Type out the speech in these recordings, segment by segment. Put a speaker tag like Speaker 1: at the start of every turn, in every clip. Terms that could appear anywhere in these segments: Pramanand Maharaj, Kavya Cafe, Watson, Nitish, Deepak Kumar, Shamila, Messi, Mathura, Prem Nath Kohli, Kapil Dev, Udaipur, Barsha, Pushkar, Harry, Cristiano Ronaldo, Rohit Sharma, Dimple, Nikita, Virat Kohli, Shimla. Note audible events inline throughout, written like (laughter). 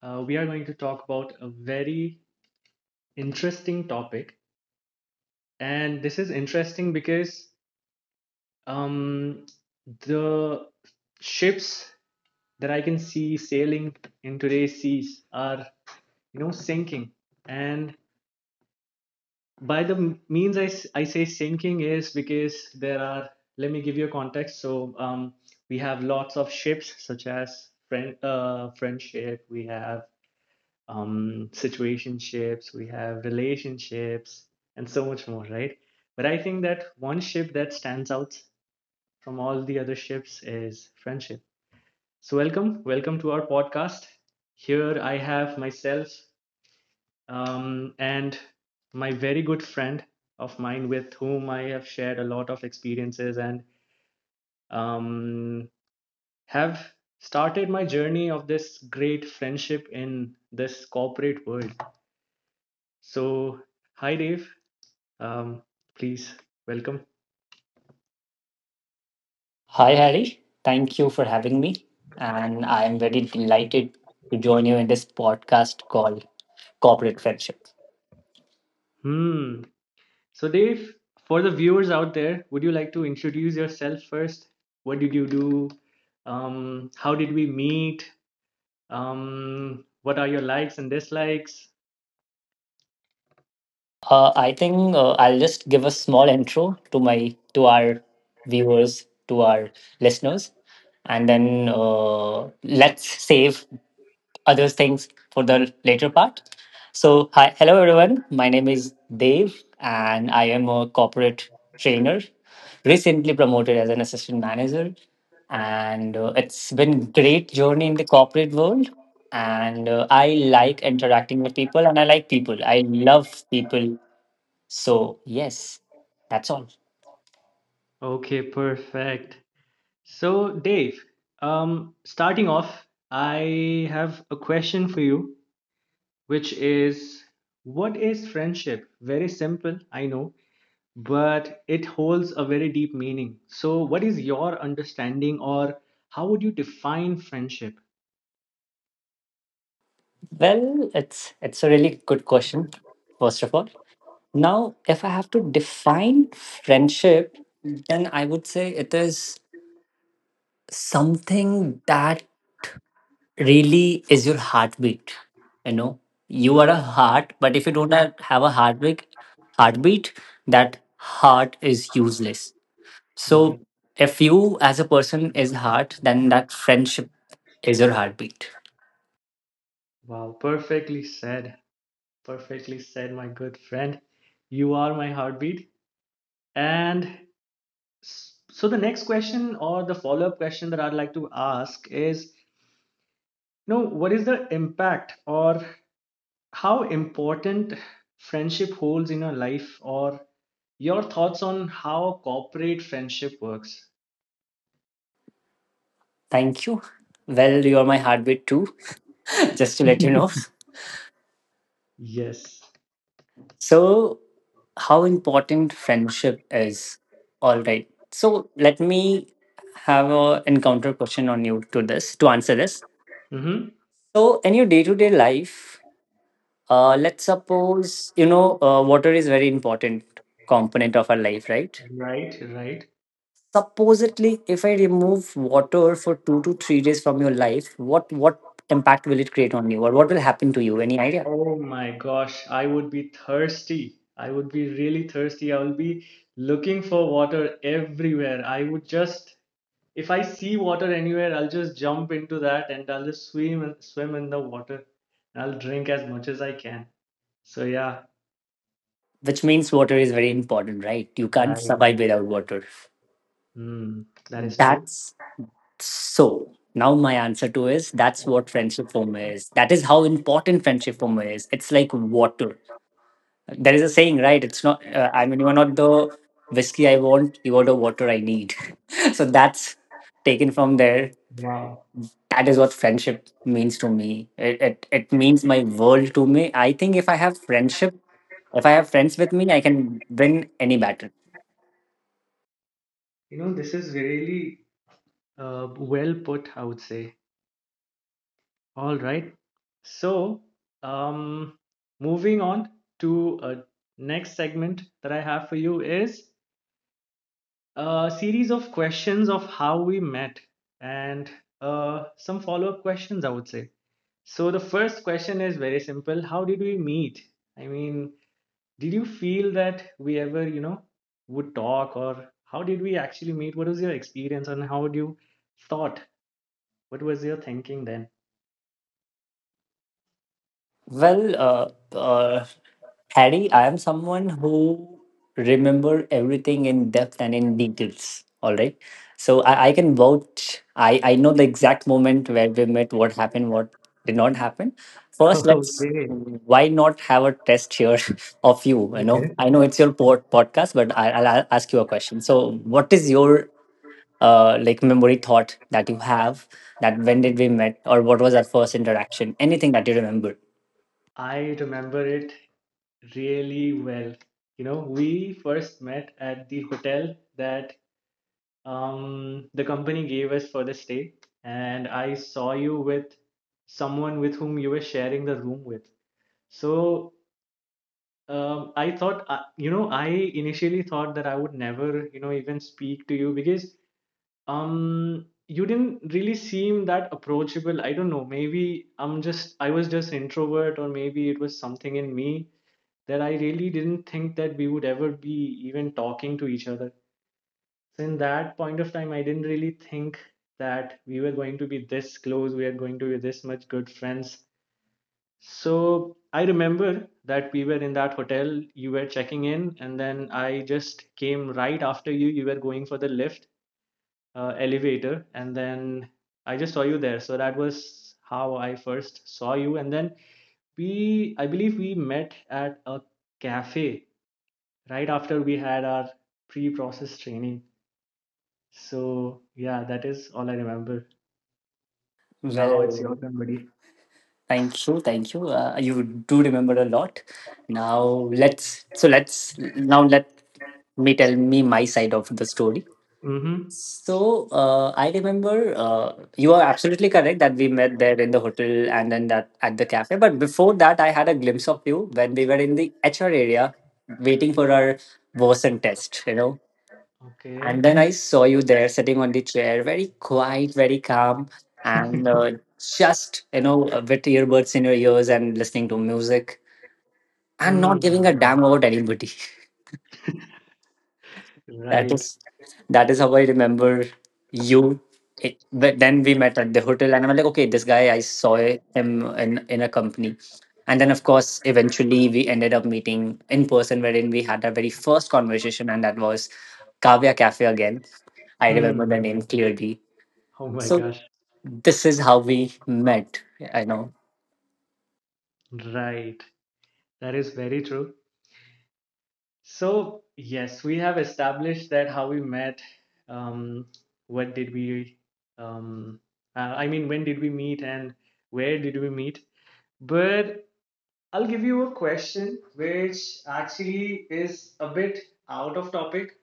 Speaker 1: we are going to talk about a very interesting topic. And this is interesting because um, the ships that I can see sailing in today's seas are sinking. And by the means I say sinking is because there are, let me give you a context. So we have lots of ships, such as French ship. We have situationships, we have relationships, and so much more, right? But I think that one ship that stands out from all the other ships is friendship. So welcome to our podcast. Here I have myself, and my very good friend of mine, with whom I have shared a lot of experiences and um, have started my journey of this great friendship in this corporate world. So hi, Dave. Um, Please welcome.
Speaker 2: Hi, Harry. Thank you for having me. And I am very delighted to join you in this podcast called Corporate Friendship.
Speaker 1: Hmm. So, Dave, for the viewers out there, would you like to introduce yourself first? What did you do? How did we meet? What are your likes and dislikes?
Speaker 2: I'll just give a small intro to my to our viewers, to our listeners, and then let's save other things for the later part. So, hi, hello everyone. My name is Dave, and I am a corporate trainer, recently promoted as an assistant manager. And it's been great journey in the corporate world. And I like interacting with people, and I like people. I love people. So, yes, that's all.
Speaker 1: Okay, perfect. So, Dave, starting off, I have a question for you, which is, what is friendship? Very simple, I know, but it holds a very deep meaning. So, what is your understanding, or how would you define friendship?
Speaker 2: Well, it's a really good question, first of all. Now, if I have to define friendship, then I would say it is something that really is your heartbeat. You know, you are a heart, but if you don't have a heartbeat, heartbeat, that heart is useless. So,
Speaker 1: Right.
Speaker 2: if you as a person is heart, then that friendship is your heartbeat.
Speaker 1: Wow. Perfectly said. Perfectly said, my good friend. You are my heartbeat. And so, the next question, or the follow up question that I'd like to ask is, you know, what is the impact, or how important friendship holds in your life, or your thoughts on how corporate friendship works?
Speaker 2: Thank you. Well, you are my heartbeat too, (laughs) just to let you know.
Speaker 1: (laughs) Yes.
Speaker 2: So, how important friendship is? All right. So, let me have a encounter question on you to answer this.
Speaker 1: Hmm.
Speaker 2: So, in your day to day life, let's suppose you know water is very important component of our life, right?
Speaker 1: Right, right.
Speaker 2: Supposedly, if I remove water for 2 to 3 days from your life, what impact will it create on you, or what will happen to you? Any idea?
Speaker 1: Oh my gosh, I would be thirsty. I would be really thirsty. I will be looking for water everywhere. I would just, if I see water anywhere, I'll just jump into that and I'll just swim and swim in the water. I'll drink as much as I can. So yeah,
Speaker 2: Which means water is very important, right? You can't
Speaker 1: right.
Speaker 2: survive without water.
Speaker 1: That is true.
Speaker 2: That's. So now my answer to is that's what friendship FOMO is. That is how important friendship FOMO is. It's like water. There is a saying, right? It's not. You are not the whiskey I want. You are the water I need. (laughs) So that's taken from there.
Speaker 1: Wow.
Speaker 2: That is what friendship means to me. It means my world to me. I think if I have friendship, if I have friends with me, I can win any battle.
Speaker 1: This is really well put, I would say. All right. So, um, moving on to next segment that I have for you is a series of questions of how we met and some follow-up questions, I would say. So the first question is very simple. How did we meet? I mean, did you feel that we ever would talk, or how did we actually meet? What was your experience, and how do you thought? What was your thinking then?
Speaker 2: Well, Harry, I am someone who remember everything in depth and in details. All right. So I can vouch. I know the exact moment where we met, what happened, what did not happen.
Speaker 1: (laughs)
Speaker 2: First, let's
Speaker 1: Okay.
Speaker 2: why not have a test here (laughs) of you? You know,
Speaker 1: Okay.
Speaker 2: I know it's your podcast, but I'll ask you a question. So, what is your like memory thought that you have that when did we met or what was our first interaction? Anything that you remember?
Speaker 1: I remember it really well. We first met at the hotel that the company gave us for the stay, and I saw you with someone with whom you were sharing the room with. So I initially thought that I would never even speak to you because you didn't really seem that approachable. I don't know. Maybe I was just introvert, or maybe it was something in me that I really didn't think that we would ever be even talking to each other. So in that point of time, I didn't really think that we were going to be this close, we are going to be this much good friends. So I remember that we were in that hotel, you were checking in, and then I just came right after you. You were going for the elevator, and then I just saw you there. So that was how I first saw you. And then I believe we met at a cafe right after we had our pre-process training. So yeah, that is all I remember. Now it's your
Speaker 2: Well,
Speaker 1: turn, buddy.
Speaker 2: thank you, thank you. You do remember a lot. Now let's so let's now let me tell me my side of the story.
Speaker 1: Mm-hmm.
Speaker 2: So I remember you are absolutely correct that we met there in the hotel and then that at the cafe. But before that, I had a glimpse of you when we were in the HR area waiting for our Watson test. You know, and
Speaker 1: Okay.
Speaker 2: then I saw you there sitting on the chair, very quiet, very calm, and
Speaker 1: (laughs)
Speaker 2: just, you know, with earbuds in your ears and listening to music and not
Speaker 1: Hmm.
Speaker 2: giving a damn about anybody. (laughs) That
Speaker 1: Right.
Speaker 2: is, that is how I remember you. It, but then we met at the hotel, and I'm like, okay, this guy, I saw him in a company. And then, of course, eventually we ended up meeting in person, wherein we had our very first conversation, and that was Kavya Cafe again. I remember the name
Speaker 1: Hmm.
Speaker 2: clearly.
Speaker 1: Oh my
Speaker 2: So
Speaker 1: gosh.
Speaker 2: this is how we met. I know.
Speaker 1: Right. That is very true. So yes, we have established that how we met. Um, what did we? Um, I mean, When did we meet, and where did we meet? But I'll give you a question which actually is a bit out of topic,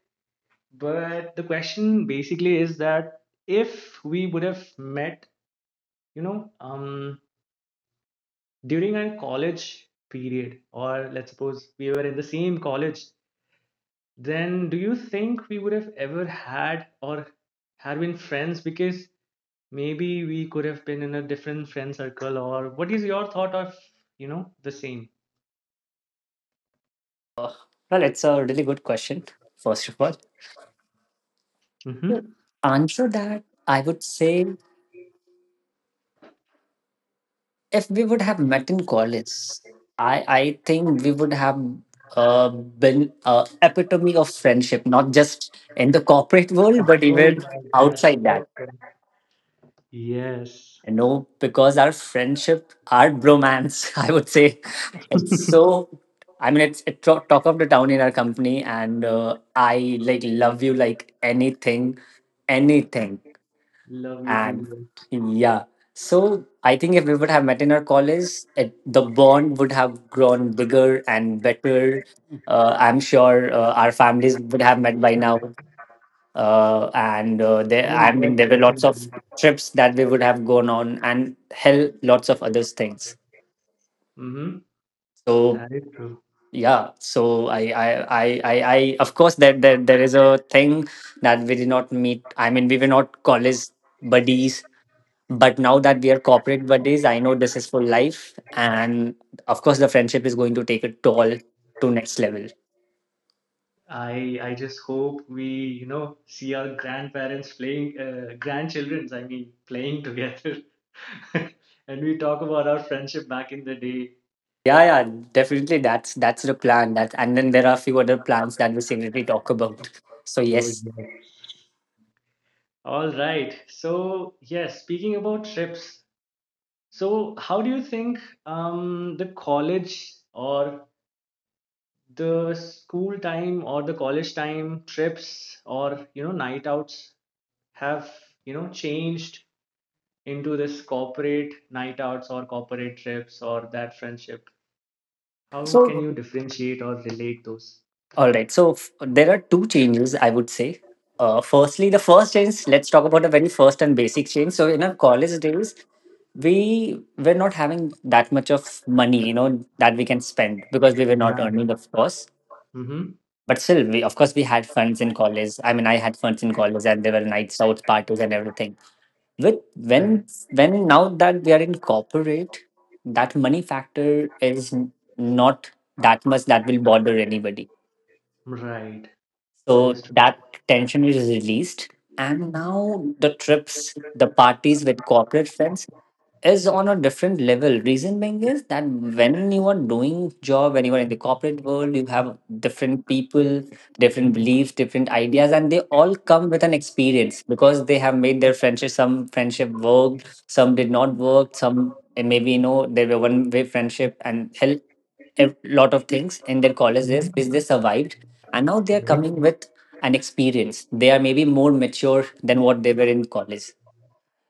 Speaker 1: but the question basically is that if we would have met, you know, um, during our college period, or let's suppose we were in the same college, then do you think we would have ever had or have been friends? Because maybe we could have been in a different friend circle, or what is your thought of the same?
Speaker 2: Uh, Well, it's a really good question. First of all,
Speaker 1: Mm-hmm.
Speaker 2: answer that I would say if we would have met in college, I think we would have been a epitome of friendship, not just in the corporate world, but
Speaker 1: Oh
Speaker 2: even
Speaker 1: my gosh,
Speaker 2: outside
Speaker 1: yes.
Speaker 2: that.
Speaker 1: Yes,
Speaker 2: No, because our friendship, our bromance, (laughs) I would say, it's so. I mean, it's it talk of the town in our company, and I like love you like anything, anything,
Speaker 1: love you too,
Speaker 2: and yeah. So I think if we would have met in our college, it, the bond would have grown bigger and better. I'm sure our families would have met by now, and there
Speaker 1: bro. Oh
Speaker 2: I
Speaker 1: yes,
Speaker 2: mean there were lots of
Speaker 1: definitely.
Speaker 2: trips that we would have gone on and hell lots of other things,
Speaker 1: Mhm,
Speaker 2: so
Speaker 1: that is true.
Speaker 2: yeah. So I of course there is a thing that we did not meet. We were not college buddies, but now that we are corporate buddies, I know this is for life, and of course the friendship is going to take a toll to next level.
Speaker 1: I just hope we see our grandparents playing, grandchildrens, I mean, playing together. (laughs) And we talk about our friendship back in the day.
Speaker 2: Yeah, yeah, definitely, that's the plan. That, and then there are a few other plans that we secretly talk about, so
Speaker 1: Oh
Speaker 2: yes.
Speaker 1: yes. All right. So, yes, speaking about trips, so how do you think the college or the school time or the college time trips or night outs have changed into this corporate night outs or corporate trips or that friendship? How can
Speaker 2: So,
Speaker 1: you differentiate or relate those?
Speaker 2: all right. So, there are two changes I would say. The first change, let's talk about the very first and basic change. So, in our college days, we were not having that much of money, you know, that we can spend because we were not earning,
Speaker 1: Right.
Speaker 2: of course.
Speaker 1: Mm-hmm.
Speaker 2: But still, we, of course, we had funds in college. I mean, I had funds in college and there were nights out parties and everything. With
Speaker 1: Right.
Speaker 2: when now that we are in corporate, that money factor is not that much that will bother anybody.
Speaker 1: Right, that is
Speaker 2: So
Speaker 1: true.
Speaker 2: that tension is released. And now the trips, the parties with corporate friends, is on a different level. Reason being is that when you are doing job, when you are in the corporate world, you have different people, different beliefs, different ideas, and they all come with an experience because they have made their friendship. Some friendship worked, some did not work, some and maybe you know they were one way friendship and hell a lot of things in their college days
Speaker 1: Hmm.
Speaker 2: which they survived, and now they are
Speaker 1: Right.
Speaker 2: coming with an experience. They are maybe more mature than what they were in college.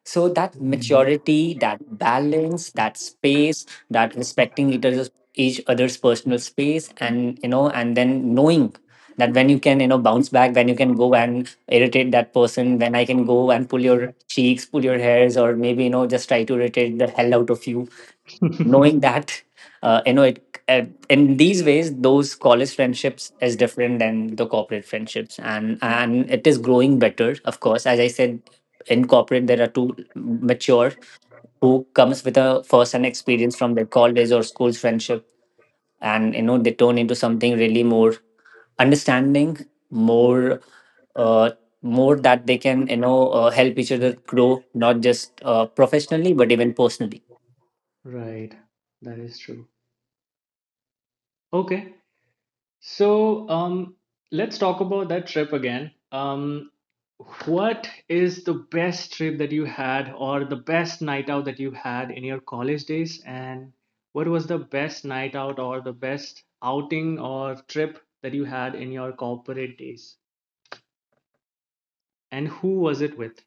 Speaker 2: So that
Speaker 1: Mm.
Speaker 2: maturity, that balance, that space, that respecting each other's personal space, and you know, and then knowing that when you can, you know, bounce back, when you can go and irritate that person, when I can go and pull your cheeks, pull your hairs, or maybe you know, just try to irritate the hell out of you knowing
Speaker 1: (laughs)
Speaker 2: that you know it in these ways those college friendships is different than the corporate friendships. And it is growing better, of course, as I said, in corporate there are two mature who comes with a first hand experience from their college or school's friendship, and you know they turn into something really more understanding, more uh, more that they can you know help each other grow, not just professionally but even personally.
Speaker 1: Right, that is true. Okay. So let's talk about that trip again. What is the best trip that you had, or the best night out that you had in your college days? And what was the best night out, or the best outing or trip that you had in your corporate days? And who was it with?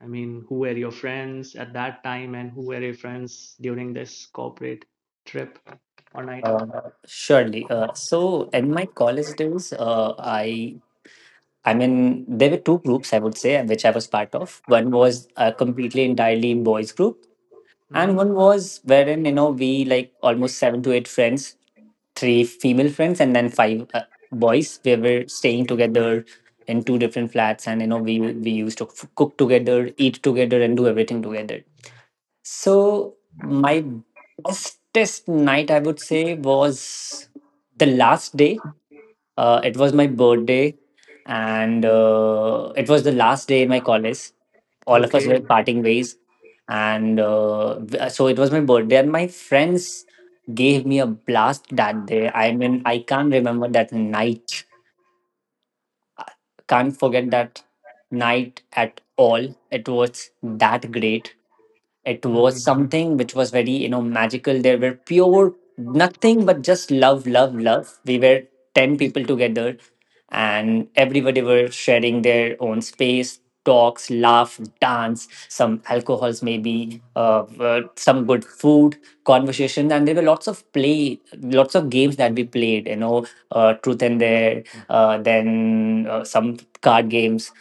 Speaker 1: I mean, who were your friends at that time, and who were your friends during this corporate trip or night out?
Speaker 2: Surely. So in my college days, I mean there were two groups I would say, and which I was part of. One was a completely entirely boys group, and
Speaker 1: Hmm.
Speaker 2: one was wherein you know we like almost seven to eight friends, three female friends, and then five boys. We were staying together in two different flats, and you know we used to cook together, eat together, and do everything together. So my bestest night, I would say, was the last day. It was my birthday, and it was the last day in my college. All of us
Speaker 1: Okay.
Speaker 2: were parting ways, and it was my birthday, and my friends gave me a blast that day. I mean, I can't remember that night. Can't forget that night at all. It was that great. It was
Speaker 1: Mm.
Speaker 2: something which was very, you know, magical. There were pure nothing but just love, love, love. We were 10 people together and everybody were sharing their own space, talks, laugh, dance, some alcohols, maybe some good food, conversation. And there were lots of play, lots of games that we played, you know, truth and dare, then some card games.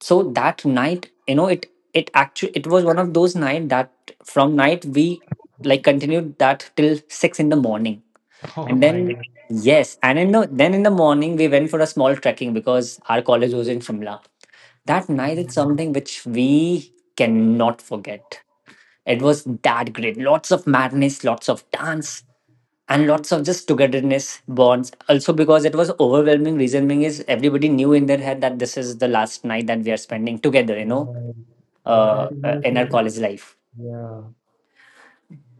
Speaker 2: So that night, you know, it actually, it was one of those night that from night we like continued that till 6 in the morning
Speaker 1: (laughs) Oh
Speaker 2: and
Speaker 1: my
Speaker 2: then yes and in the, then in the morning we went for a small trekking because our college was in Shimla. That night is
Speaker 1: God.
Speaker 2: something which we cannot forget. It was that great. Lots of madness, lots of dance, and lots of just togetherness bonds. Also, because it was overwhelming, reason being is everybody knew in their head that this is the last night that we are spending together, you know,
Speaker 1: Right, right. That
Speaker 2: in our
Speaker 1: emotion.
Speaker 2: college life.
Speaker 1: Yeah,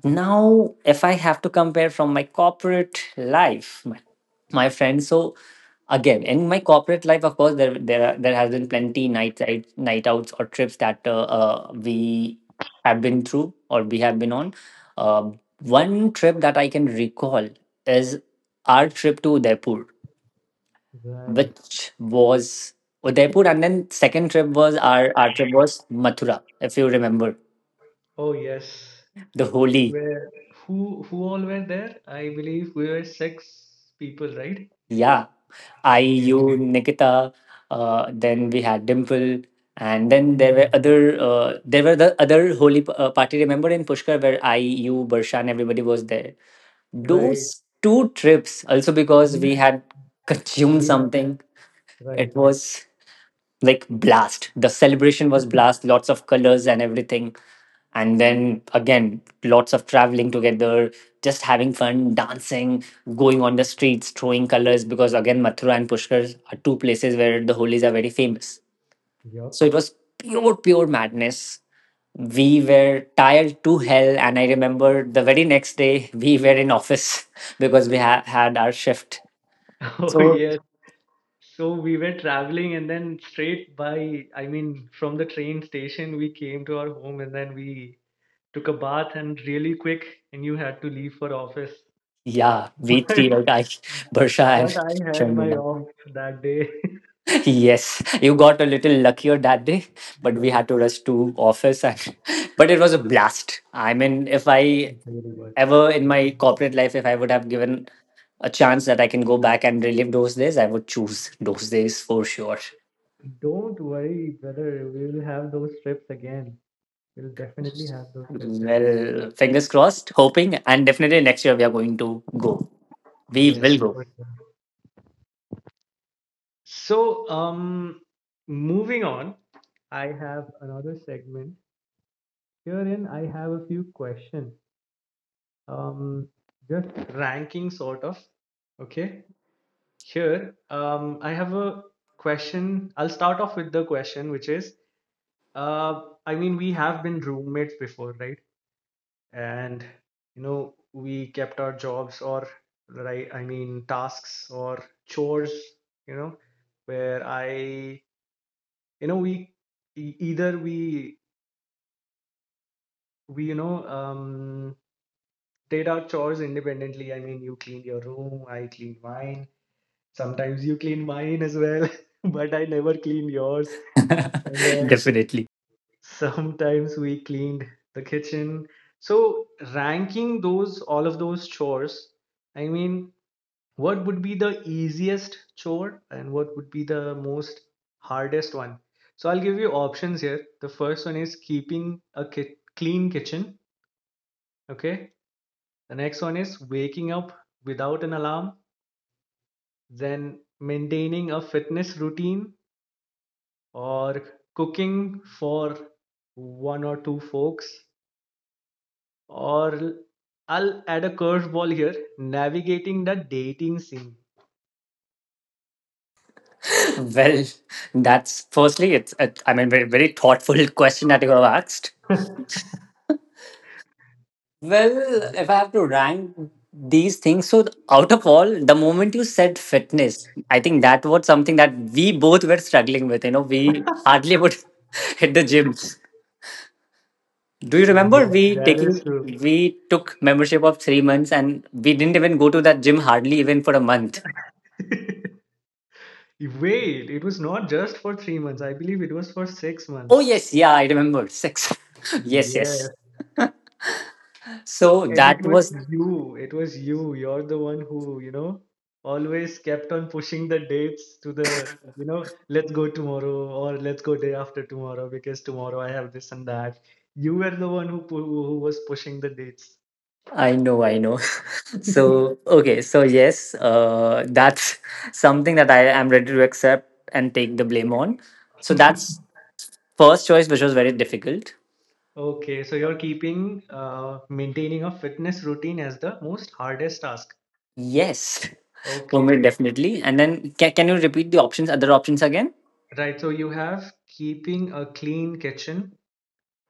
Speaker 2: Now, if I have to compare from my corporate life, my friend, so again in my corporate life, of course, there has been plenty night outs or trips that we have been through, or we have been on uh, one trip that I can recall is our trip to Udaipur,
Speaker 1: right.
Speaker 2: which was Udaipur, and then second trip was our trip was Mathura, if you remember
Speaker 1: Oh yes,
Speaker 2: the
Speaker 1: it
Speaker 2: holy...
Speaker 1: were who all were there? I believe we were six people, right?
Speaker 2: Yeah, I,
Speaker 1: Oh yeah. (laughs)
Speaker 2: you, Nikita, then we had Dimple, and then
Speaker 1: Mm.
Speaker 2: there were the other holy party. Remember in Pushkar where I, you, Barsha, and everybody was there.
Speaker 1: Right.
Speaker 2: Those two trips also,
Speaker 1: I
Speaker 2: because we
Speaker 1: mean,
Speaker 2: had consumed
Speaker 1: we have,
Speaker 2: something.
Speaker 1: right.
Speaker 2: It was like blast. The celebration was blast. Lots of colors and everything, and then again lots of traveling together, just having fun, dancing, going on the streets, throwing colors, because again Mathura and Pushkar are two places where the holis are very famous.
Speaker 1: Yup.
Speaker 2: So it was pure pure madness. We were tired to hell, and I remember the very next day (laughs) we were in office (laughs) because we had our shift.
Speaker 1: (laughs) Oh
Speaker 2: So
Speaker 1: yes. So we were traveling, and then straight by, I mean, from the train station, we came to our home and then we took a bath and really quick, and you had to leave for office.
Speaker 2: yeah,
Speaker 1: (laughs)
Speaker 2: we
Speaker 1: But
Speaker 2: three were guys, (laughs) Barsha
Speaker 1: but
Speaker 2: and
Speaker 1: I had my
Speaker 2: Shamila.
Speaker 1: off that day. (laughs)
Speaker 2: Yes, you got a little luckier that day, but we
Speaker 1: Yes,
Speaker 2: had to rush to office. And, (laughs) but it was a blast. I mean, if I
Speaker 1: really was.
Speaker 2: ever in my corporate life, if I would have given a chance that I can go back and relive those days, I would choose those days for sure.
Speaker 1: Don't worry, brother. We will have those trips again. We'll definitely have those trips again.
Speaker 2: Well, fingers crossed, hoping, and definitely next year we are going to go. We
Speaker 1: Yes.
Speaker 2: will go.
Speaker 1: So, moving on. I have another segment. Herein, I have a few questions. Um, just ranking, sort of. Okay, here I have a question. I'll start off with the question, which is I mean, we have been roommates before, right? And we kept our jobs, or, right, I mean, tasks or chores, you know where I you know we either we did our chores independently. I mean, you cleaned your room, I cleaned mine, sometimes you cleaned mine as well. (laughs) But I never cleaned yours. And
Speaker 2: (laughs)
Speaker 1: then
Speaker 2: Definitely.
Speaker 1: sometimes we cleaned the kitchen. So, ranking those all of those chores, I mean, what would be the easiest chore, and what would be the most hardest one? So I'll give you options here. The first one is keeping a clean kitchen. Okay. The next one is waking up without an alarm, then maintaining a fitness routine, or cooking for one or two folks. Or I'll add a curveball here, navigating the dating scene.
Speaker 2: Well, that's firstly, it's, I mean, very, very thoughtful (laughs) question that you have asked. Well, if I have to rank these things, so out of all, the moment you said fitness, I think that was something that we both were struggling with. You know, we hardly would (laughs) hit the gym. Do you remember
Speaker 1: Yes, that is true.
Speaker 2: we took membership of 3 months, and we didn't even go to that gym hardly even for a month.
Speaker 1: (laughs) Wait, it was not just for 3 months. I believe it was for six
Speaker 2: Oh
Speaker 1: months.
Speaker 2: yes, yeah, I remember six. (laughs) Yes, yes.
Speaker 1: Yes,
Speaker 2: So
Speaker 1: and it
Speaker 2: that
Speaker 1: was
Speaker 2: was
Speaker 1: you. It was you. You're the one who always kept on pushing the dates to the let's go tomorrow, or let's go day after tomorrow, because tomorrow I have this and that. You were the one who who was pushing the dates.
Speaker 2: I know, I know. (laughs) So, okay, so yes, that's (laughs) something that I am ready to accept and take the blame on. So,
Speaker 1: (laughs)
Speaker 2: that's first choice, which was very difficult.
Speaker 1: Okay, so you're keeping maintaining a fitness routine as the most hardest task.
Speaker 2: Yes, (laughs) for me,
Speaker 1: Okay.
Speaker 2: definitely. And then, can you repeat the options, other options again?
Speaker 1: Right, so you have keeping a clean kitchen,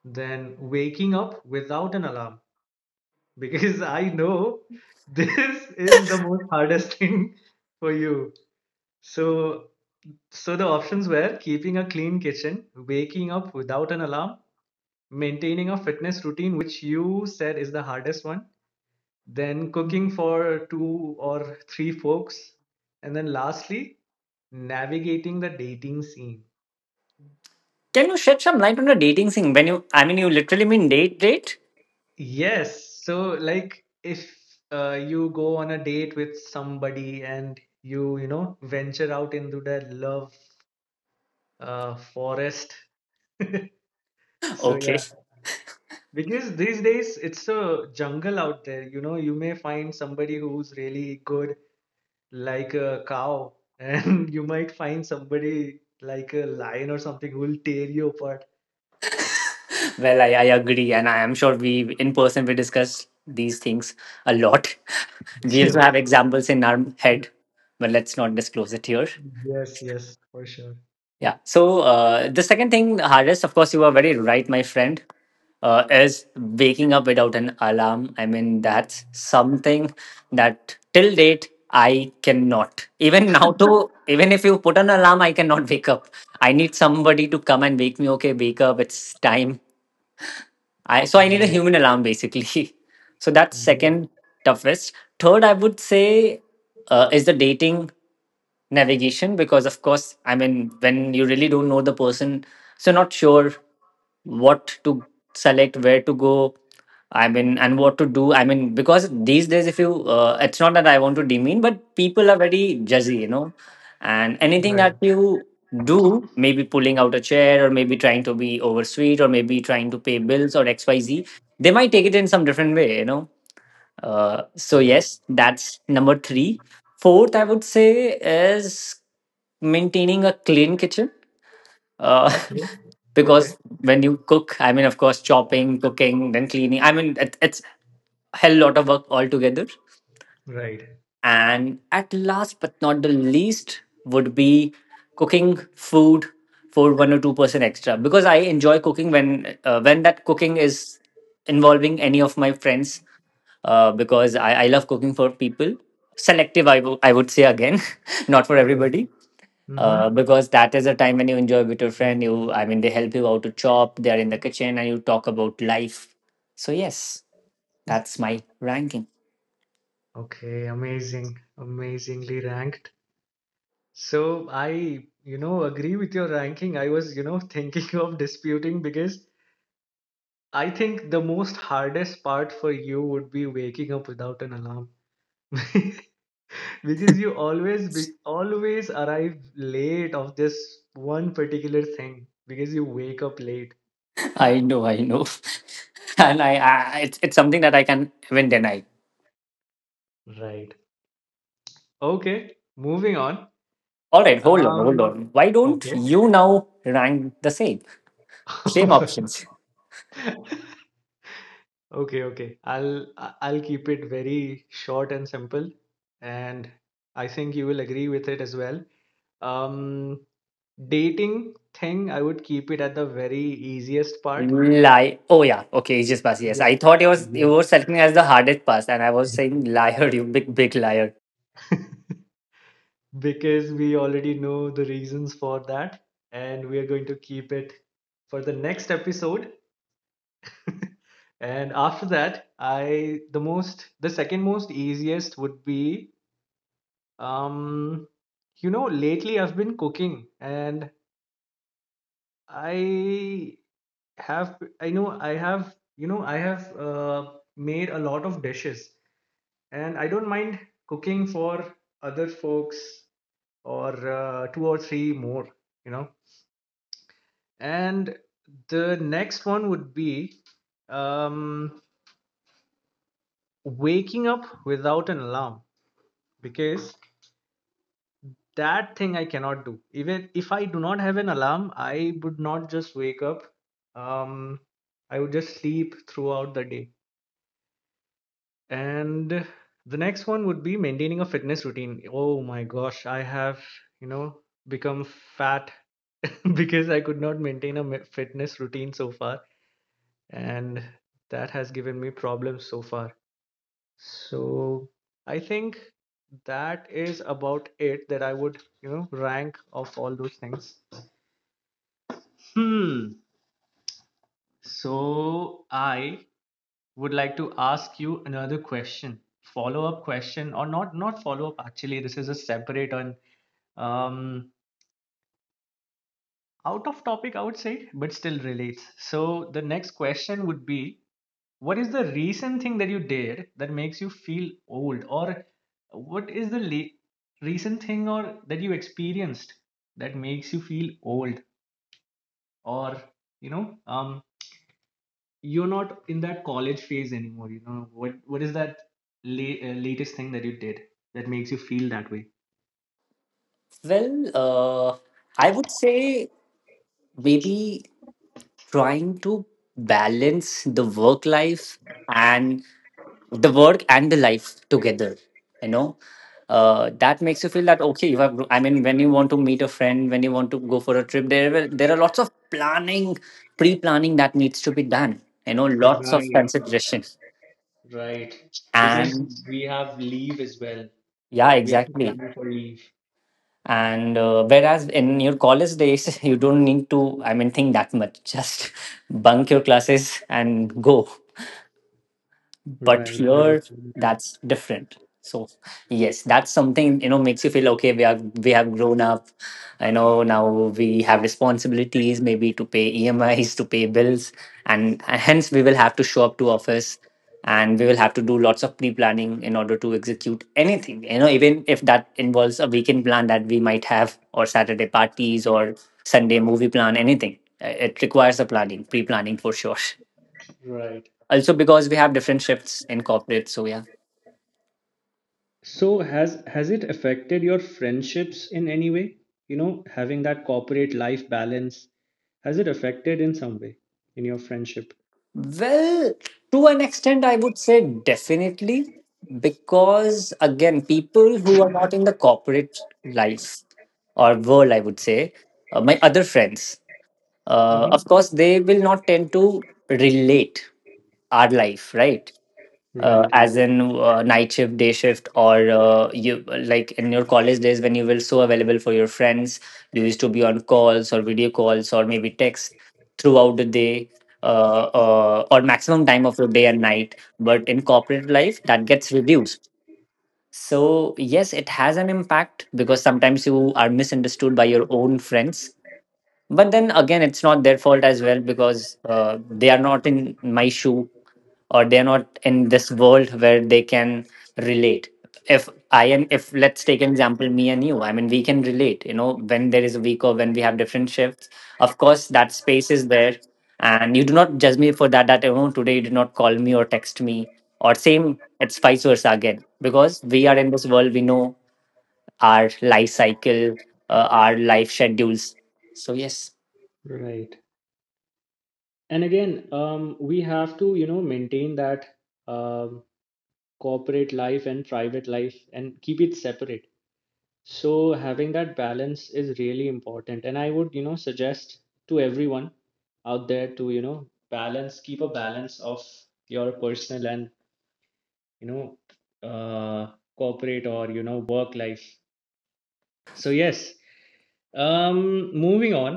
Speaker 1: then waking up without an alarm, (laughs) because I know this is the most hardest (laughs) thing for you. So, so, the options were keeping a clean kitchen, waking up without an alarm, maintaining a fitness routine, which you said is the hardest one, then cooking for two or three folks, and then, lastly, navigating the dating scene.
Speaker 2: Can you shed some light on the dating thing? When you, I mean, you literally mean date, date? (laughs)
Speaker 1: Yes. So, like, if you go on a date with somebody and you venture out into the love forest. So,
Speaker 2: Okay.
Speaker 1: yeah, because these days it's a jungle out there. You may find somebody who's really good, like a cow, (laughs) and you might find somebody like a lion or something who will tear you apart.
Speaker 2: Well, I agree. And I am sure we, in person, we discuss these things a lot. (laughs)
Speaker 1: (laughs)
Speaker 2: We also
Speaker 1: Yeah.
Speaker 2: have examples in our head, but let's not disclose it here.
Speaker 1: Yes, yes, for sure.
Speaker 2: Yeah. So the second thing, Haris, of course, you are very right, my friend, is waking up without an alarm. I mean, that's something that till date I cannot. Even now, too, even if you put an alarm, I cannot wake up. I need somebody to come and wake me. Okay, wake up. It's time. I need a
Speaker 1: Yeah,
Speaker 2: human alarm, basically. (laughs) So that's second
Speaker 1: yeah,
Speaker 2: toughest. Third, I would say is the dating navigation, because of course, I mean, when you really don't know the person, so not sure what to select, where to go. I mean, and what to do. I mean, because these days, if you, it's not that I want to demean, but people are very judgy, you know, and anything
Speaker 1: right.
Speaker 2: that you do, maybe pulling out a chair, or maybe trying to be oversweet, or maybe trying to pay bills or xyz, they might take it in some different way, you know, so yes, that's number three. Fourth, I would say is maintaining a clean kitchen, uh,
Speaker 1: Okay,
Speaker 2: (laughs)
Speaker 1: okay,
Speaker 2: because when you cook, I mean, of course, chopping, cooking, then cleaning, I mean, it's hell lot of work altogether,
Speaker 1: right.
Speaker 2: and at last but not the least would be cooking food for one or two-person extra, because I enjoy cooking when when that cooking is involving any of my friends, because I love cooking for people. Selective, I would say again, (laughs) not for everybody. Uh,
Speaker 1: Mm-hmm.
Speaker 2: because that is a time when you enjoy with your friend. I mean, they help you out to chop. They are in the kitchen and you talk about life. So yes, that's my ranking.
Speaker 1: Okay, amazing, amazingly ranked. So I agree with your ranking. I was, (laughs) thinking of disputing, because I think the most hardest part for you would be waking up without an alarm. (laughs) Because you always be always arrive late of this one particular thing because you wake up late.
Speaker 2: (laughs) I know, I know. (laughs) And I it's something that I can even deny.
Speaker 1: Right. Okay, moving on.
Speaker 2: All right, hold on, hold
Speaker 1: Um,
Speaker 2: on. Why don't
Speaker 1: okay.
Speaker 2: you now rank the same? Same options.
Speaker 1: (laughs) Okay, okay. I'll keep it very short and simple, and I think you will agree with it as well. Um, Dating thing, I would keep it at the very easiest part.
Speaker 2: Lie. Oh, yeah. Okay, Aegis Pass. Yes.
Speaker 1: Yes.
Speaker 2: I thought it was you
Speaker 1: Yep.
Speaker 2: were selecting as the hardest pass, and I was saying liar, you big, big liar.
Speaker 1: (laughs) Because we already know the reasons for that, and we are going to keep it for the next episode. And after that, I the most the second most easiest would be. Um, Lately I've been cooking, and I have, I know I have, you know, I have made a lot of dishes, and I don't mind cooking for other folks or two or three more, you know. And the next one would be um, waking up without an alarm, because that thing I cannot do. Even if I do not have an alarm, I would not just wake up. um I would just sleep throughout the day. And the next one would be maintaining a fitness routine. Oh my gosh, I have you know become fat, (laughs) because I could not maintain fitness routine so far, and that has given me problems so far. So I think that is about it, that I would rank of all those things. Hmm. So I would like to ask you another question, follow up question, or not follow up. Actually, this is a separate and um, out of topic, I would say, but still relates. So the next question would be, what is the recent thing that you did that makes you feel old, or what is recent thing or that you experienced that makes you feel old, or you know, um, you're not in that college phase anymore. You know, what is that latest thing that you did that makes you feel that way?
Speaker 2: Well, I would say maybe trying to balance the work life and the work and the life together, you know, that makes you feel that, okay, you have I mean, when you want to meet a friend, when you want to go for a trip, there are lots of planning, pre-planning that needs to be done, you know, lots of
Speaker 1: Right,
Speaker 2: consideration,
Speaker 1: right. Because
Speaker 2: and
Speaker 1: we have leave as well.
Speaker 2: yeah,
Speaker 1: We have to
Speaker 2: exactly,
Speaker 1: plan for leave.
Speaker 2: and whereas in your college days (laughs) you don't need to, I mean, think that much, just (laughs) bunk your classes and go, but
Speaker 1: Right, that is
Speaker 2: here
Speaker 1: very true.
Speaker 2: that's different. So yes, that's something, you know, makes you feel, okay, we have grown up, you know, now we have responsibilities, maybe to pay EMIs, to pay bills, and hence we will have to show up to office, and we will have to do lots of pre-planning in order to execute anything, you know, even if that involves a weekend plan that we might have, or Saturday parties or Sunday movie plan, anything. It requires a planning pre-planning for sure
Speaker 1: Right.
Speaker 2: also, because we have different shifts in corporate. So, yeah.
Speaker 1: So has it affected your friendships in any way? You know, having that corporate life balance, has it affected in some way in your friendship?
Speaker 2: Well, to an extent, I would say definitely. Because, again, people who are not in the corporate life or world, I would say, my other friends, of
Speaker 1: Mm-hmm.
Speaker 2: course they will not tend to relate our life, right,
Speaker 1: Right,
Speaker 2: as in night shift, day shift, or you like in your college days, when you were so available for your friends, you used to be on calls or video calls or maybe text throughout the day, or maximum time of your day and night, but in corporate life that gets reduced. So yes, it has an impact, because sometimes you are misunderstood by your own friends, but then again, it's not their fault as well, because they are not in my shoe, or they're not in this world where they can relate. If I am, If let's take an example, me and you, I mean, we can relate, you know, when there is a week, or when we have different shifts. Of course, that space is there. And you do not judge me for that, you know, today you did not call me or text me. Or same, it's vice versa again. Because we are in this world, we know our life cycle, our life schedules. So, yes.
Speaker 1: right. And again, we have to maintain that um, corporate life and private life and keep it separate. So having that balance is really important, and I would suggest to everyone out there to balance keep a balance of your personal and you know uh, corporate or work life. So yes. Moving on.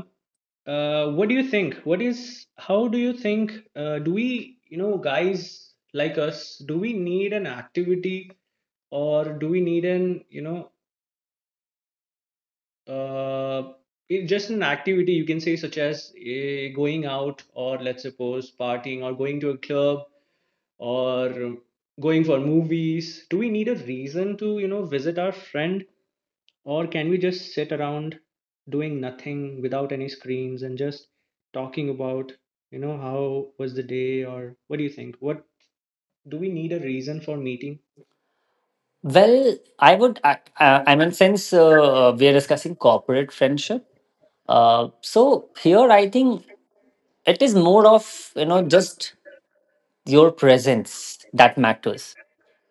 Speaker 1: What do you think? How do you think, do we, guys like us, do we need an activity, or do we need an, you know, uh, it, just an activity, you can say, such as going out, or let's suppose partying or going to a club or going for movies? Do we need a reason to, visit our friend? Or can we just sit around doing nothing without any screens and just talking about, how was the day, or what do you think? What do we need a reason for meeting?
Speaker 2: Well, I would, I mean, since we are discussing corporate friendship, so here I think it is more of, you know, just your presence that matters.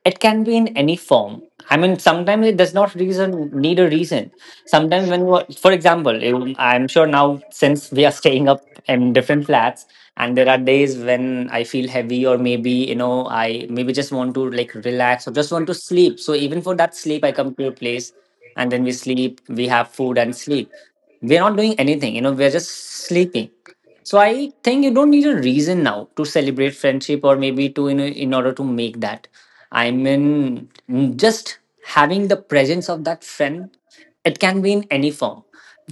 Speaker 2: It can be in any form. I mean, sometimes it does not reason need a reason. Sometimes when for example, I'm sure, now since we are staying up in different flats, and there are days when I feel heavy, or maybe, you know, I maybe just want to, like, relax or just want to sleep, so even for that sleep I come to a place and then we sleep, we have food and sleep, we're not doing anything, you know, we're just sleeping. So I think you don't need a reason now to celebrate friendship, or maybe in order to make that. I mean, just having the presence of that friend, it can be in any form.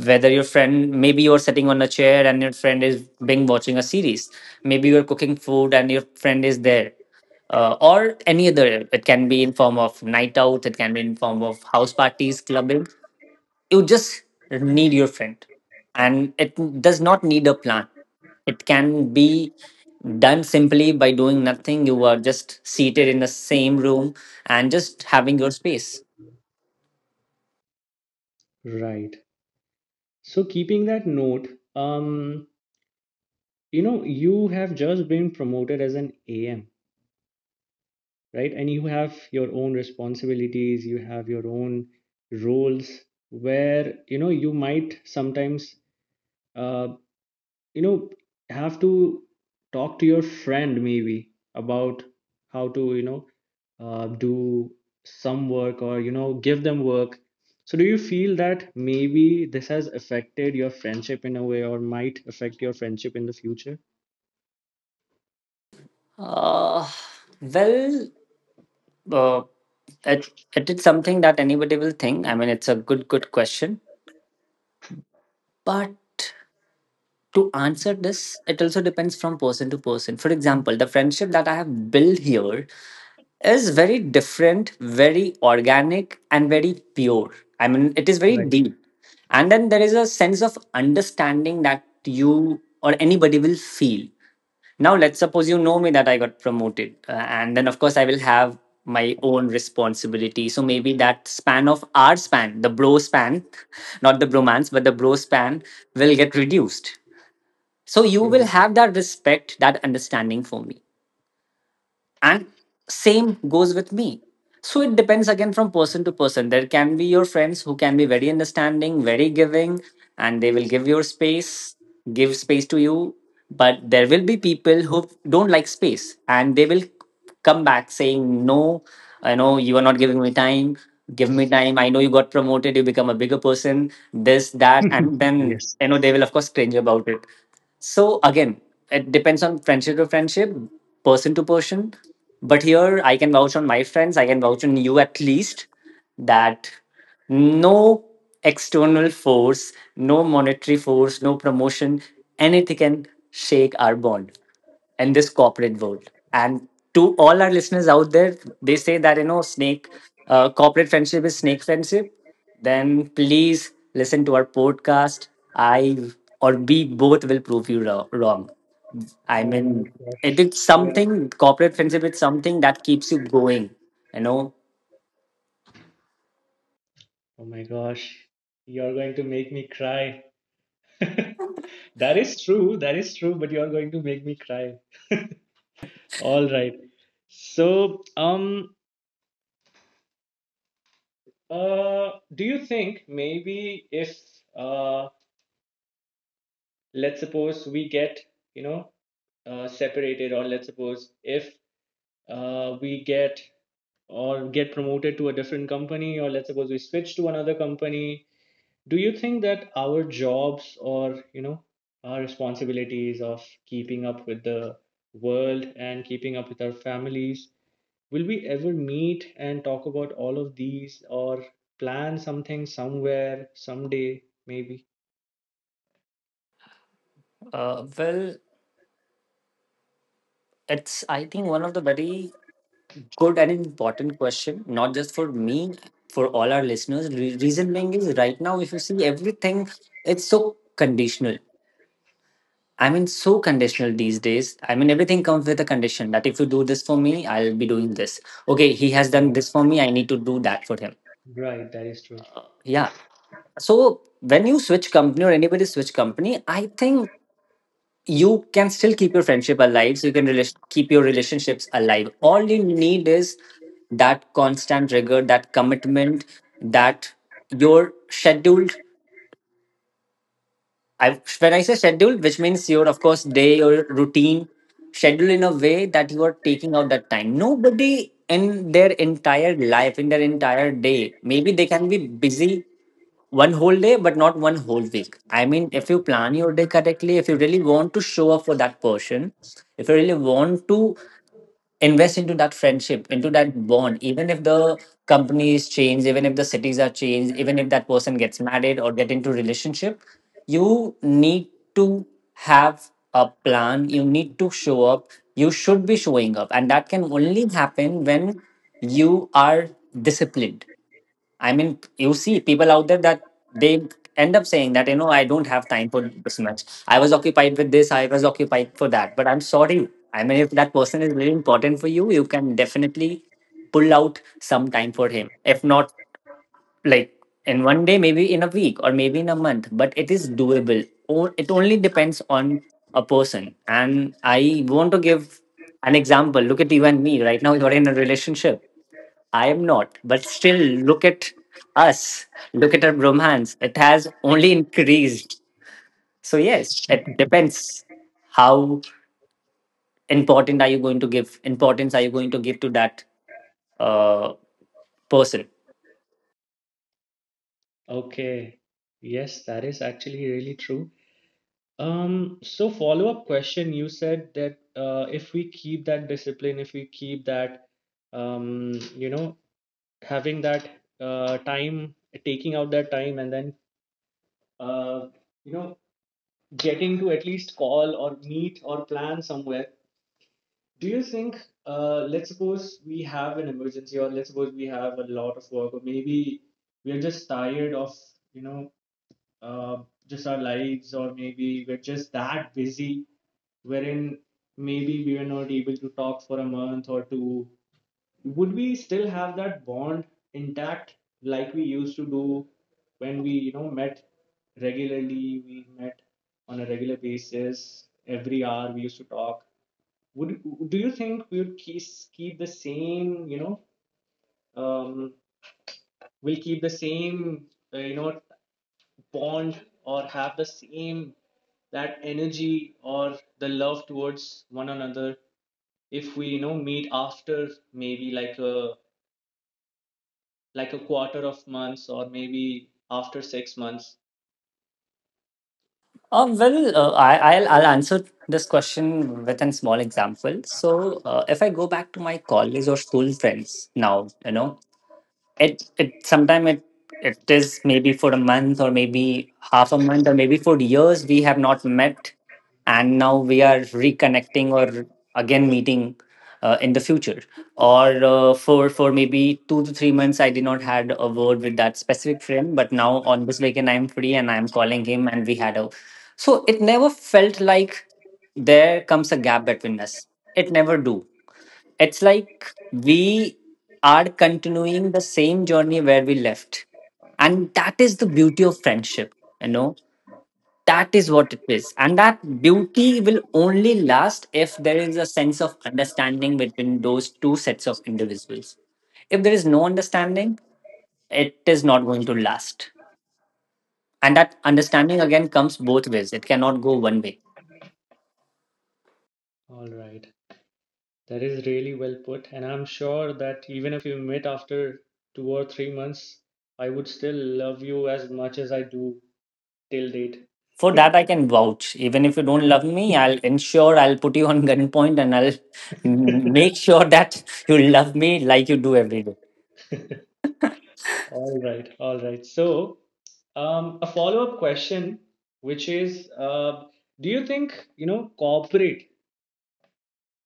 Speaker 2: Whether your friend, maybe you're sitting on a chair and your friend is being watching a series. Maybe you're cooking food and your friend is there. Or any other, it can be in form of night out, it can be in form of house parties, clubbing. You just need your friend, and it does not need a plan. It can be done simply by doing nothing. You are just seated in the same room and just having your space.
Speaker 1: Right. So keeping that note, um, you have just been promoted as an AM, right? And you have your own responsibilities, you have your own roles where, you might sometimes uh, you know have to talk to your friend, maybe about how to do some work, or give them work. So do you feel that maybe this has affected your friendship in a way, or might affect your friendship in the future?
Speaker 2: Uh, well, uh, it, it is something that anybody will think. I mean, it's a good, good question. But to answer this, it also depends from person to person. For example, the friendship that I have built here is very different, very organic, and very pure. I mean, it is very
Speaker 1: Right,
Speaker 2: deep. And then there is a sense of understanding that you or anybody will feel. Now, let's suppose you know me that I got promoted. And then, of course, I will have my own responsibility. So maybe that span of our span, the bro span, (laughs) not the bromance, but the bro span will get reduced. So you will
Speaker 1: right.
Speaker 2: have that respect, that understanding for me, and same goes with me. So it depends, again, from person to person. There can be your friends who can be very understanding, very giving, and they will give space to you. But there will be people who don't like space, and they will come back saying, no, I know you are not giving me time, give me time, I know you got promoted, you become a bigger person, this, that, and
Speaker 1: (laughs)
Speaker 2: then,
Speaker 1: Yes.
Speaker 2: you know, they will, of course, cringe about it. So again, it depends on friendship to friendship, person to person. But here I can vouch on my friends, I can vouch on you at least, that no external force, no monetary force, no promotion, anything can shake our bond in this corporate world. And to all our listeners out there, they say that, you know, snake, corporate friendship is snake friendship. Then please listen to our podcast. I or we both will prove you wrong. I
Speaker 1: Oh my
Speaker 2: mean,
Speaker 1: gosh,
Speaker 2: it is
Speaker 1: yeah.
Speaker 2: something, corporate friendship. It's something that keeps you going. You know,
Speaker 1: Oh my gosh, you're going to make me cry. (laughs) That is true, that is true, but you're going to make me cry. All right, so Do you think, maybe if uh, let's suppose we get you know separated, or let's suppose if we get or get promoted to a different company, or let's suppose we switch to another company, do you think that our jobs or our responsibilities of keeping up with the world and keeping up with our families, will we ever meet and talk about all of these, or plan something somewhere, someday, maybe?
Speaker 2: uh, well, it's, I think, one of the very good and important question, not just for me, for all our listeners. Reason being is, right now, if you see everything, it's so conditional. I mean, so conditional these days. I mean, everything comes with a condition that if you do this for me, I'll be doing this. Okay, he has done
Speaker 1: Right.
Speaker 2: this for me, I need to do that for him.
Speaker 1: Right, that is true.
Speaker 2: Yeah. So when you switch company, or anybody switch company, I think you can still keep your friendship alive, so you can keep your relationships alive. All you need is that constant rigor, that commitment, that your scheduled, I, when I say schedule, which means your, of course, day, your routine, schedule in a way that you are taking out that time. Nobody in their entire life, in their entire day, maybe they can be busy one whole day, but not one whole week. I mean, if you plan your day correctly, if you really want to show up for that person, if you really want to invest into that friendship, into that bond, even if the companies change, even if the cities are changed, even if that person gets married or get into relationship, you need to have a plan, you need to show up, you should be showing up, and that can only happen when you are disciplined. I mean, you see people out there that they end up saying that, you know, I don't have time for this much, I was occupied with this, I was occupied for that. But I'm sorry. I mean, if that person is really important for you, you can definitely pull out some time for him. If not, like in 1 day, maybe in a week, or maybe in a month, but it is doable. It only depends on a person. And I want to give an example. Look at you and me right now, you're in a relationship, I am not. But still, look at us. Look at our brahmans. It has only increased. So yes, it depends how important are you going to give, importance are you going to give to that uh, person.
Speaker 1: Okay. Yes, that is actually really true. So, follow-up question, you said that if we keep that discipline, if we keep that um, you know, having that time, taking out that time, and then uh, you know, getting to at least call or meet or plan somewhere. Do you think, let's suppose we have an emergency, or let's suppose we have a lot of work, or maybe we're just tired of, you know, uh, just our lives, or maybe we're just that busy, wherein maybe we are not able to talk for a month or two. Would we still have that bond intact like we used to do when we, met regularly? We met on a regular basis. Every hour we used to talk. Would Do you think we'll keep the same um we'll keep the same uh, you know bond, or have the same that energy or the love towards one another, if we meet after maybe like a quarter of months, or maybe after 6 months?
Speaker 2: I'll answer this question with a small example. So, if I go back to my college or school friends now, you know, it sometime it is maybe for a month, or maybe half a month, or maybe for years we have not met, and now we are reconnecting or again meeting in the future, or for maybe 2 to 3 months I did not had a word with that specific friend, but now on this weekend I'm free and I'm calling him and we had a, so it never felt like there comes a gap between us. It never do. It's like we are continuing the same journey where we left, and that is the beauty of friendship, you know. That is what it is. And that beauty will only last if there is a sense of understanding between those two sets of individuals. If there is no understanding, it is not going to last. And that understanding again comes both ways. It cannot go one way.
Speaker 1: All right. That is really well put. And I'm sure that even if you met after 2 or 3 months, I would still love you as much as I do till date.
Speaker 2: For that I can vouch, even if you don't love me, I'll ensure, I'll put you on (laughs) gunpoint, and I'll (laughs)
Speaker 1: (laughs)
Speaker 2: make sure that you love me like you do every day.
Speaker 1: All right, all right. So, a follow-up question, which is, do you think, corporate,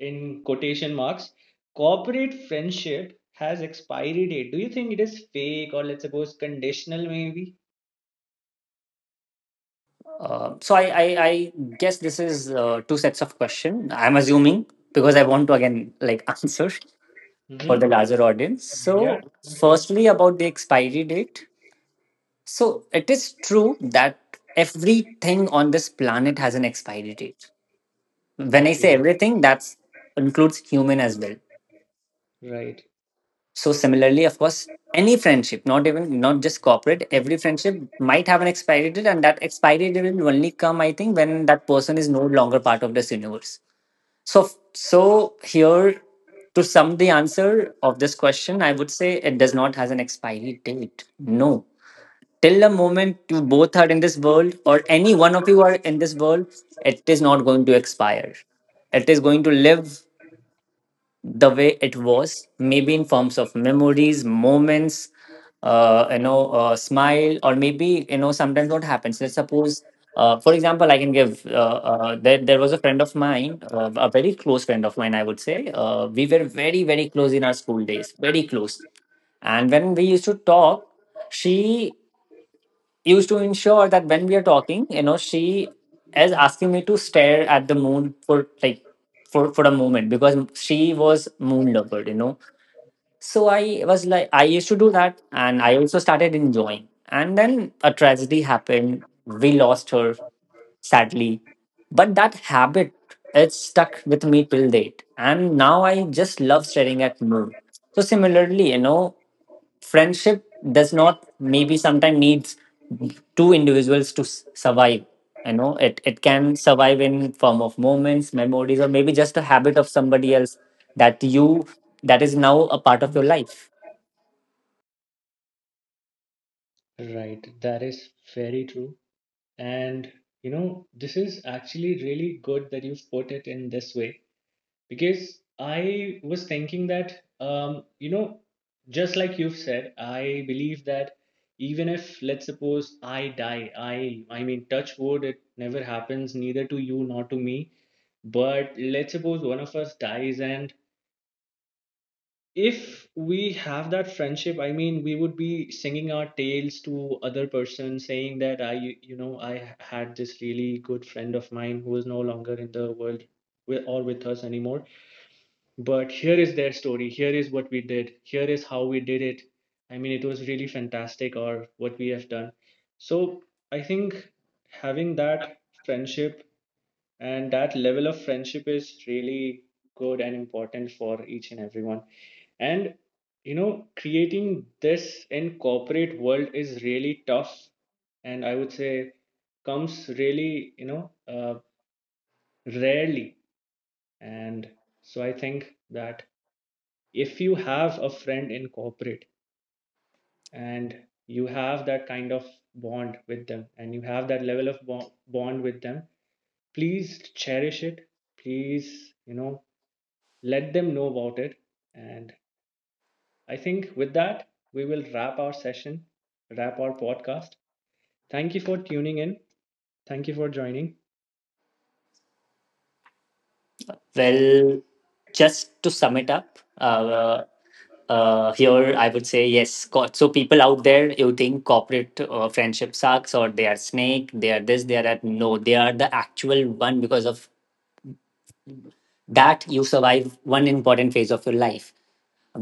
Speaker 1: in quotation marks, corporate friendship has expiry date? Do you think it is fake, or let's suppose conditional, maybe?
Speaker 2: So I guess this is two sets of question. I'm assuming, because I want to again, like, (laughs) answer for
Speaker 1: Mm-hmm.
Speaker 2: the larger audience.
Speaker 1: Yeah,
Speaker 2: So
Speaker 1: for sure.
Speaker 2: firstly, about the expiry date. So it is true that everything on this planet has an expiry date. When I say
Speaker 1: Okay,
Speaker 2: everything, that's includes human as well.
Speaker 1: right.
Speaker 2: So similarly, of course, any friendship, not even not just corporate, every friendship might have an expiry date, and that expiry date will only come, I think, when that person is no longer part of this universe. So, here, to sum the answer of this question, I would say it does not has an expiry date. No, till the moment you both are in this world, or any one of you are in this world, it is not going to expire. It is going to live the way it was, maybe in forms of memories, moments, you know, smile, or maybe, you know, sometimes what happens. Let's suppose, for example, I can give. There was a friend of mine, a very close friend of mine, I would say. We were very, very close in our school days, very close. And when we used to talk, she used to ensure that when we are talking, you know, she is asking me to stare at the moon for like for a moment, because she was moon lover, you know. So I was like, I used to do that, and I also started enjoying. And then a tragedy happened. We lost her sadly, but that habit, it's stuck with me till date. And now I just love staring at moon. So similarly, you know, friendship does not maybe sometimes needs two individuals to survive, you know. It can survive in form of moments, memories, or maybe just a habit of somebody else that you, that is now a part of your life.
Speaker 1: Right, that is very true. And you know, this is actually really good that you've put it in this way, because I was thinking that, just like you've said, I believe that even if, let's suppose, I die, I mean, touch wood, it never happens, neither to you nor to me. But let's suppose one of us dies, and if we have that friendship, I mean, we would be singing our tales to other person, saying that I you you know I had this really good friend of mine who is no longer in the world with, or with us anymore. But here is their story, here is what we did, here is how we did it. I mean, it was really fantastic, or what we have done. So I think having that friendship and that level of friendship is really good and important for each and everyone. And you know, creating this in corporate world is really tough, and I would say comes really rarely. And so I think that if you have a friend in corporate and you have that kind of bond with them, and you have that level of bond with them, please cherish it. Please let them know about it. And I think with that, we will wrap our session, wrap our podcast. Thank you for tuning in. Thank you for joining.
Speaker 2: Well, just to sum it up, here I would say yes. So people out there, you think corporate friendship sucks, or they are snake, they are this, they are that. No, they are the actual one, because of that you survive one important phase of your life.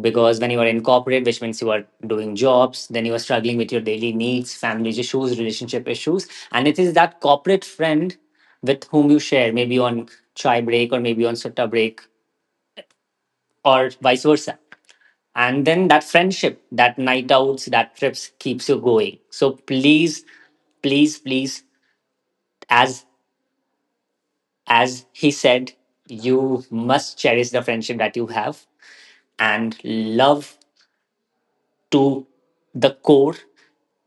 Speaker 2: Because when you are in corporate, which means you are doing jobs, then you are struggling with your daily needs, family issues, relationship issues, and it is that corporate friend with whom you share maybe on chai break or maybe on sutta break or vice versa. And then that friendship, that night outs, that trips keeps you going. So please, please, please, as as he said, you must cherish the friendship that you have and love to the core,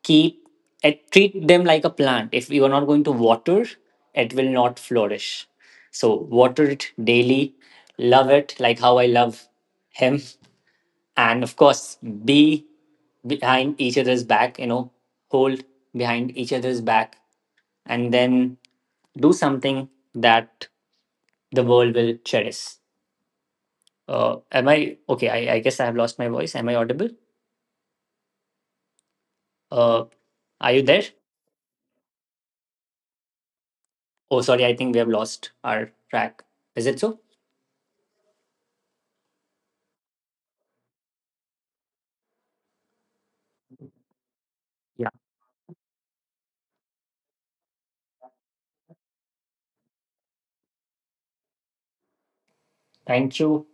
Speaker 2: keep and treat them like a plant. If you are not going to water, it will not flourish. So water it daily, love it like how I love him, and of course, be behind each other's back, you know, hold behind each other's back, and then do something that the world will cherish. Am I okay? I guess I have lost my voice. Am I audible? uh, are you there? Oh, sorry, I think we have lost our track. Is it so? Yeah. Thank you.